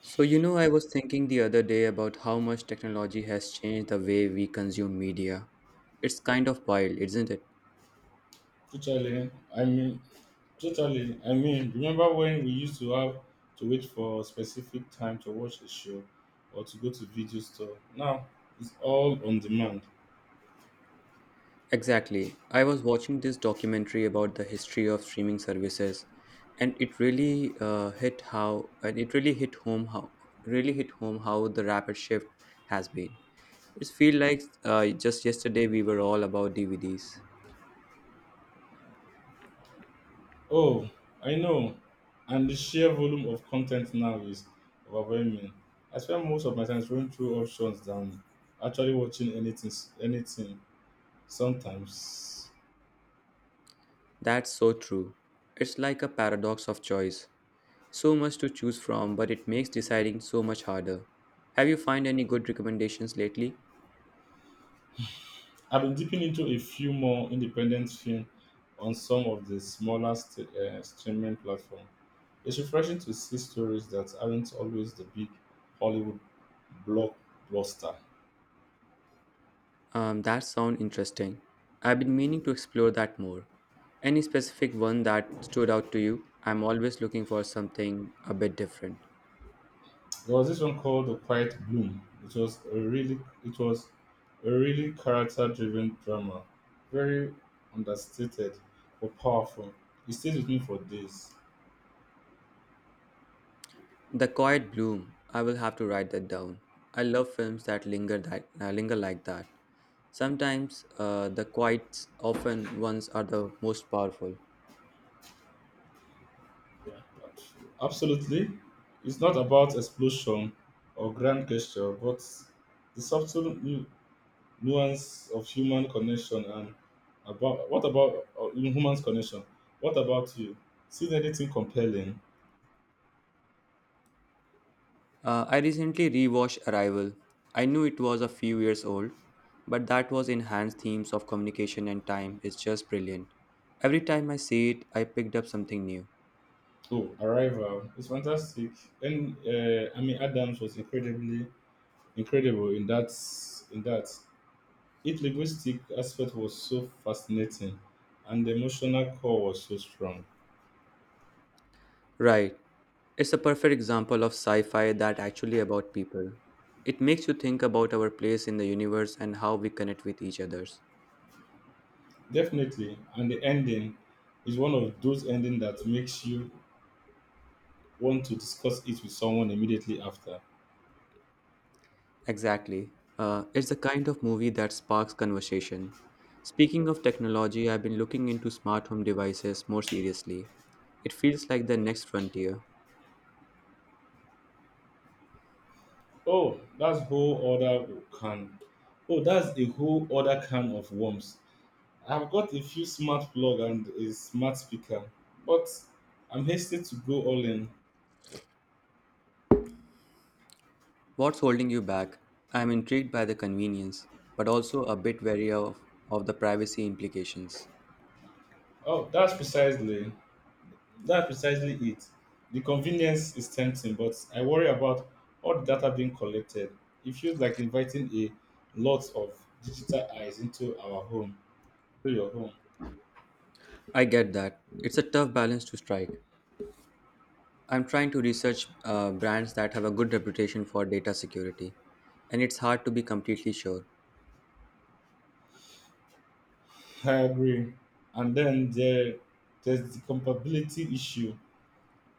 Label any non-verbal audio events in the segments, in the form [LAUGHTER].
I was thinking the other day about how much technology has changed the way we consume media. It's kind of wild, isn't it? Totally. I mean, I mean, remember when we used to have to wait for specific time to watch a show or to go to video store? Now it's all on demand. Exactly. I was watching this documentary about the history of streaming services, and it really hit how and it really hit home how really hit home how the rapid shift has been. It feels like just yesterday we were all about DVDs. Oh, I know. And the sheer volume of content now is overwhelming. I spend most of my time scrolling through options than actually watching anything. Anything. Sometimes That's so true. It's like a paradox of choice. So much to choose from, but it makes deciding so much harder. Have you found any good recommendations lately? I've been dipping into a few more independent films on some of the smaller streaming platforms. It's refreshing to see stories that aren't always the big Hollywood blockbuster. That sound interesting. I've been meaning to explore that more. Any specific one that stood out to you? I'm always looking for something a bit different. There was this one called The Quiet Bloom. It was a really character driven drama. Very understated but powerful. It stayed with me for days. The Quiet Bloom. I will have to write that down. I love films that linger like that. Sometimes the quiet, often ones are the most powerful. Absolutely. It's not about explosion or grand gesture, but the subtle nuance of human connection and about what about human's connection. What about you? Seen anything compelling? I recently rewatched Arrival. I knew it was a few years old, but that was enhanced themes of communication and time is just brilliant. Every time I see it, I picked up something new. Oh, Arrival is fantastic, and I mean Adams was incredibly incredible in that. Its linguistic aspect was so fascinating, and the emotional core was so strong. Right. It's a perfect example of sci-fi that actually about people. It makes you think about our place in the universe and how we connect with each others. Definitely, and the ending is one of those endings that makes you want to discuss it with someone immediately after. Exactly. It's the kind of movie that sparks conversation. Speaking of technology, I've been looking into smart home devices more seriously. It feels like the next frontier. Oh, that's whole other can. Oh, that's a whole other can of worms. I've got a few smart plug and a smart speaker, but I'm hasty to go all in. What's holding you back? I'm intrigued by the convenience, but also a bit of the privacy implications. Oh, that's precisely it. The convenience is tempting, but I worry about all the data being collected. It feels like inviting a lot of digital eyes to your home. I get that. It's a tough balance to strike. I'm trying to research brands that have a good reputation for data security, and it's hard to be completely sure. I agree. And then there, there's the compatibility issue.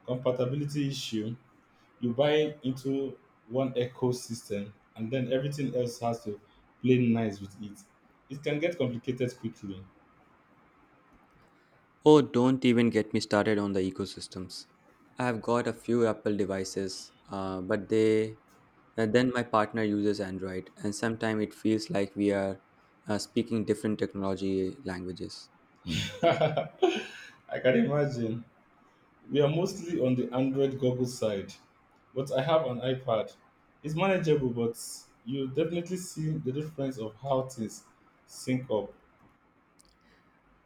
compatibility issue You buy into one ecosystem and then everything else has to play nice with it. It can get complicated quickly. Oh, don't even get me started on the ecosystems. I've got a few Apple devices, but they then my partner uses Android, and sometimes it feels like we are speaking different technology languages. [LAUGHS] I can imagine. We are mostly on the Android Google side, but I have an iPad. It's manageable, but you definitely see the difference of how things sync up.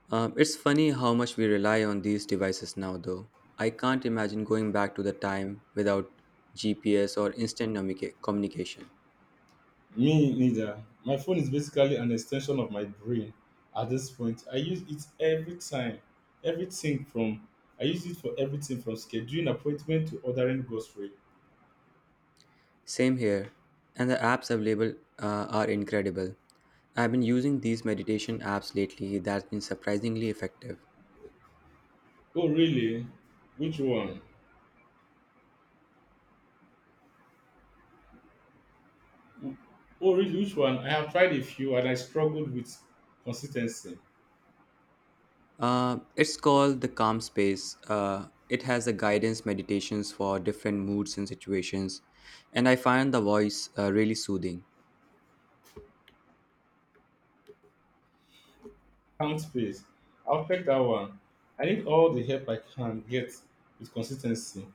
It's funny how much we rely on these devices now, though. I can't imagine going back to the time without GPS or communication. Me neither. My phone is basically an extension of my brain at this point. I use it every time. Everything from I use it for everything from scheduling appointment to ordering grocery. Same here, and the apps available are incredible. I've been using these meditation apps lately that's been surprisingly effective. Oh really? Which one? Oh really, which one? I have tried a few and I struggled with consistency. It's called the Calm Space. It has a guidance meditations for different moods and situations, and I find the voice really soothing. Count space. I'll take that one. I need all the help I can get with consistency.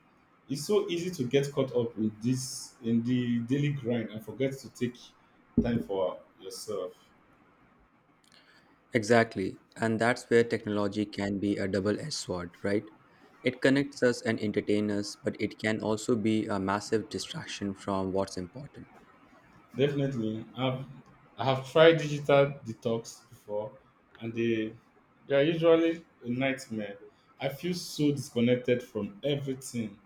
It's so easy to get caught up in this in the daily grind and forget to take time for yourself. Exactly, and that's where technology can be a double-edged sword, right? It connects us and entertains us, but it can also be a massive distraction from what's important. Definitely, I have tried digital detox before, and they are usually a nightmare. I feel so disconnected from everything.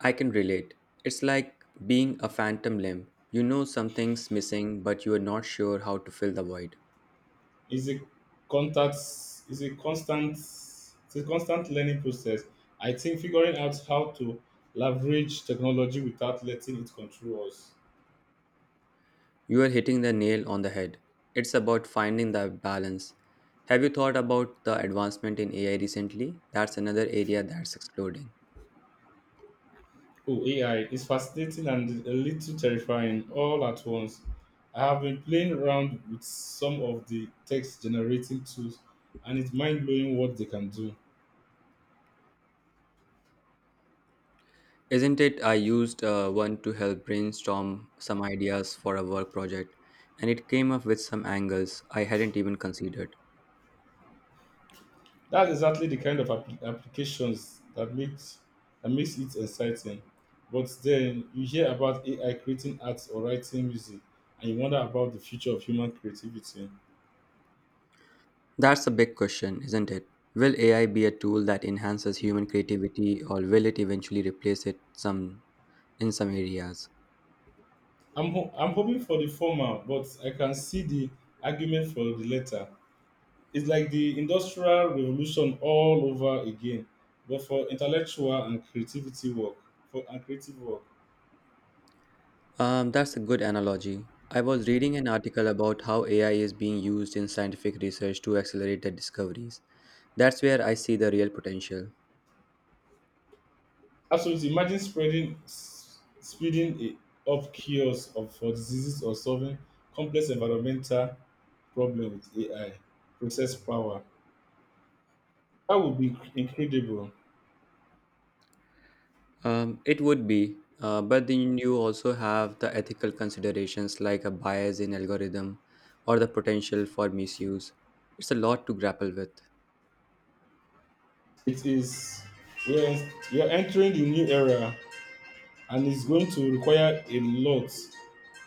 I can relate. It's like being a phantom limb. You know something's missing, but you are not sure how to fill the void. It's a contact it's a constant, it's a constant learning process. I think figuring out how to leverage technology without letting it control us. You are hitting the nail on the head. It's about finding the balance. Have you thought about the advancement in AI recently? That's another area that's exploding. Oh, AI is fascinating and a little terrifying all at once. I have been playing around with some of the text generating tools and it's mind blowing what they can do. Isn't it? I used one to help brainstorm some ideas for a work project, and it came up with some angles I hadn't even considered. That's exactly the kind of applications that makes it exciting. But then you hear about AI creating arts or writing music, and you wonder about the future of human creativity. That's a big question, isn't it? Will AI be a tool that enhances human creativity or will it eventually replace it some in some areas? I'm hoping for the former, but I can see the argument for the latter. It's like the industrial revolution all over again, but for intellectual and creativity work. For and creative work. That's a good analogy. I was reading an article about how AI is being used in scientific research to accelerate the discoveries. That's where I see the real potential. Absolutely. Imagine speeding it up cures of, for diseases or solving complex environmental problems with AI, process power. That would be incredible. It would be, but then you also have the ethical considerations like a bias in algorithm or the potential for misuse. It's a lot to grapple with. It is, we are entering the new era and it's going to require a lot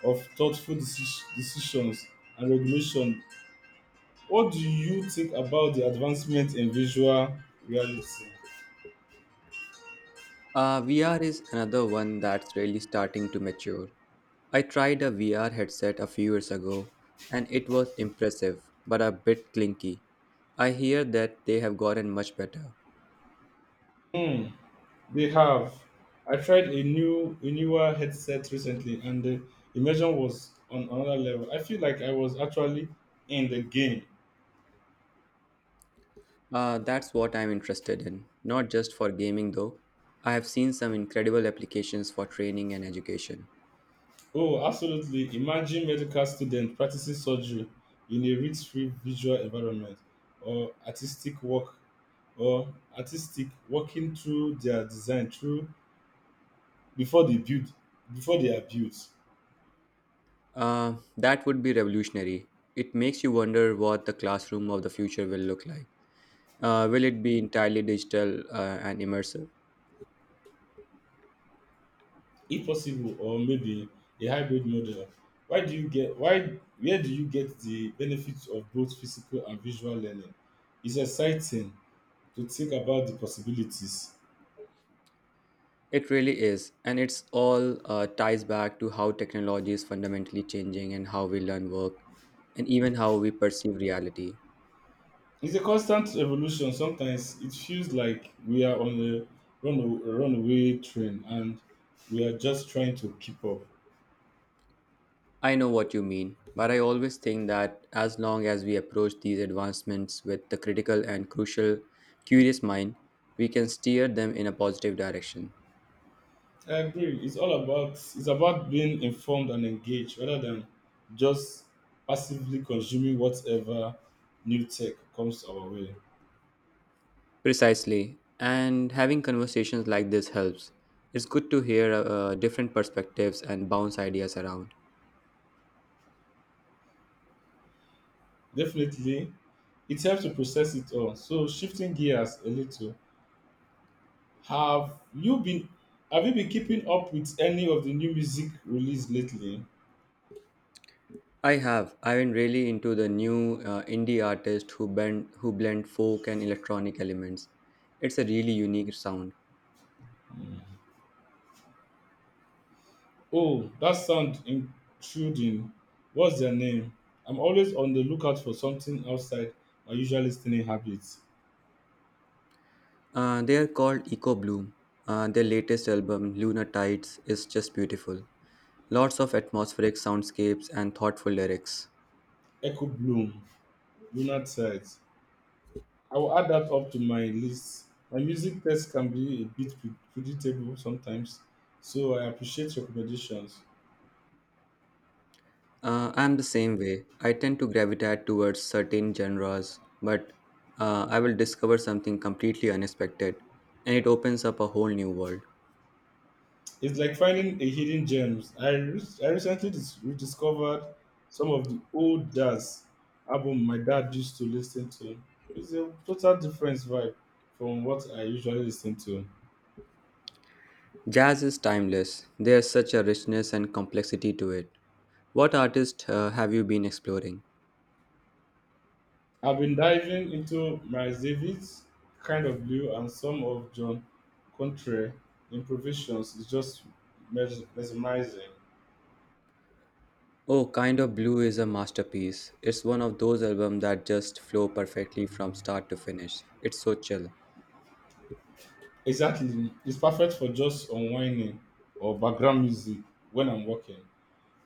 of thoughtful decisions and regulation. What do you think about the advancement in visual reality? VR is another one that's really starting to mature. I tried a VR headset a few years ago and it was impressive, but a bit clinky. I hear that they have gotten much better. Hmm. They have. I tried a newer headset recently, and the immersion was on another level. I feel like I was actually in the game. That's what I'm interested in, not just for gaming though. I have seen some incredible applications for training and education. Oh, absolutely! Imagine medical student practicing surgery in a risk-free visual environment, or artistic work, or artistic working through their design through before they build before they are built. That would be revolutionary. It makes you wonder what the classroom of the future will look like. Will it be entirely digital and immersive? If possible, or maybe a hybrid model. Why where do you get the benefits of both physical and visual learning? It's exciting to think about the possibilities. It really is, and it's all ties back to how technology is fundamentally changing and how we learn work and even how we perceive reality. It's a constant evolution. Sometimes it feels like we are on a runaway train and we are just trying to keep up. I know what you mean, but I always think that as long as we approach these advancements with the critical and crucial curious mind, we can steer them in a positive direction. I agree. It's about being informed and engaged rather than just passively consuming whatever new tech comes our way. Precisely, and having conversations like this helps. It's good to hear different perspectives and bounce ideas around. Definitely, it helps to process it all. So shifting gears a little, have you been have you been keeping up with any of the new music release lately? I have. I've been really into the new indie artist who bend who blend folk and electronic elements. It's a really unique sound. Oh, that sound intruding. What's their name? I'm always on the lookout for something outside my usual listening habits. They are called Eco Bloom. Their latest album, Lunar Tides, is just beautiful. Lots of atmospheric soundscapes and thoughtful lyrics. Echo Bloom, Lunar Tides. I will add that up to my list. My music taste can be a bit predictable sometimes, so I appreciate recommendations. I'm the same way. I tend to gravitate towards certain genres, but I will discover something completely unexpected, and it opens up a whole new world. It's like finding a hidden gems. I, re- I recently dis- rediscovered some of the old jazz album my dad used to listen to. It's a total different vibe from what I usually listen to. Jazz is timeless. There's such a richness and complexity to it. What artist have you been exploring? I've been diving into Miles Davis, Kind of Blue, and some of John Contre improvisations. It's just mesmerizing. Oh, Kind of Blue is a masterpiece. It's one of those albums that just flow perfectly from start to finish. It's so chill. Exactly. It's perfect for just unwinding or background music when I'm working.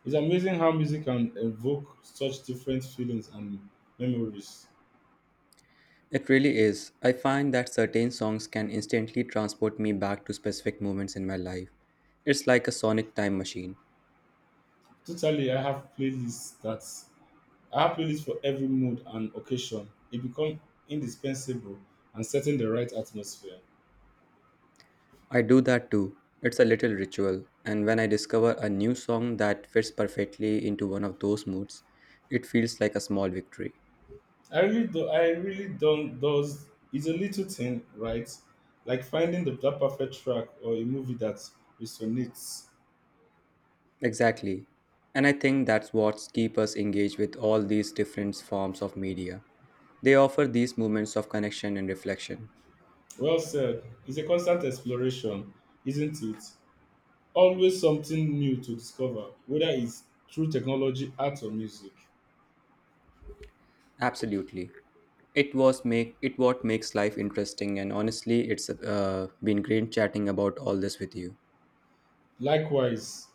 It's amazing how music can evoke such different feelings and memories. It really is. I find that certain songs can instantly transport me back to specific moments in my life. It's like a sonic time machine. Totally, I have playlists for every mood and occasion. It becomes indispensable and setting the right atmosphere. I do that too. It's a little ritual, and when I discover a new song that fits perfectly into one of those moods, it feels like a small victory. I really do. I really don't. Does it's a little thing, right? Like finding the that perfect track or a movie that resonates. Exactly. And I think that's what keeps us engaged with all these different forms of media. They offer these moments of connection and reflection. Well said. It's a constant exploration, isn't it? Always something new to discover, whether it's through technology, art, or music. Absolutely. It was make it what makes life interesting and honestly it's been great chatting about all this with you. Likewise,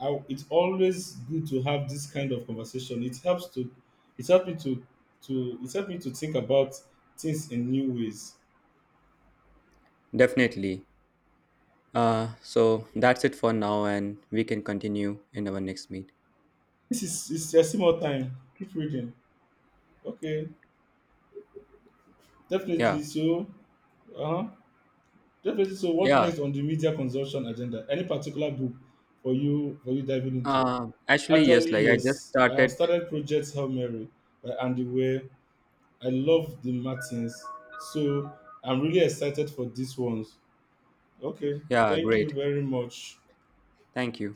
it's always good to have this kind of conversation. It helps to, it helped me to, it helped me to think about things in new ways. Definitely. So that's it for now, and we can continue in our next meet. There's still more time. Keep reading. Okay, Yeah, definitely. So, uh huh. definitely. So, what yeah. next on the media consumption agenda? Any particular book for you diving into? Actually, yes. Actually, Like I just yes, I have started. started Project Hail Mary by Andy Weir. I love the Martins. So I'm really excited for these ones. Okay. Yeah, Thank you great. very much. Thank you.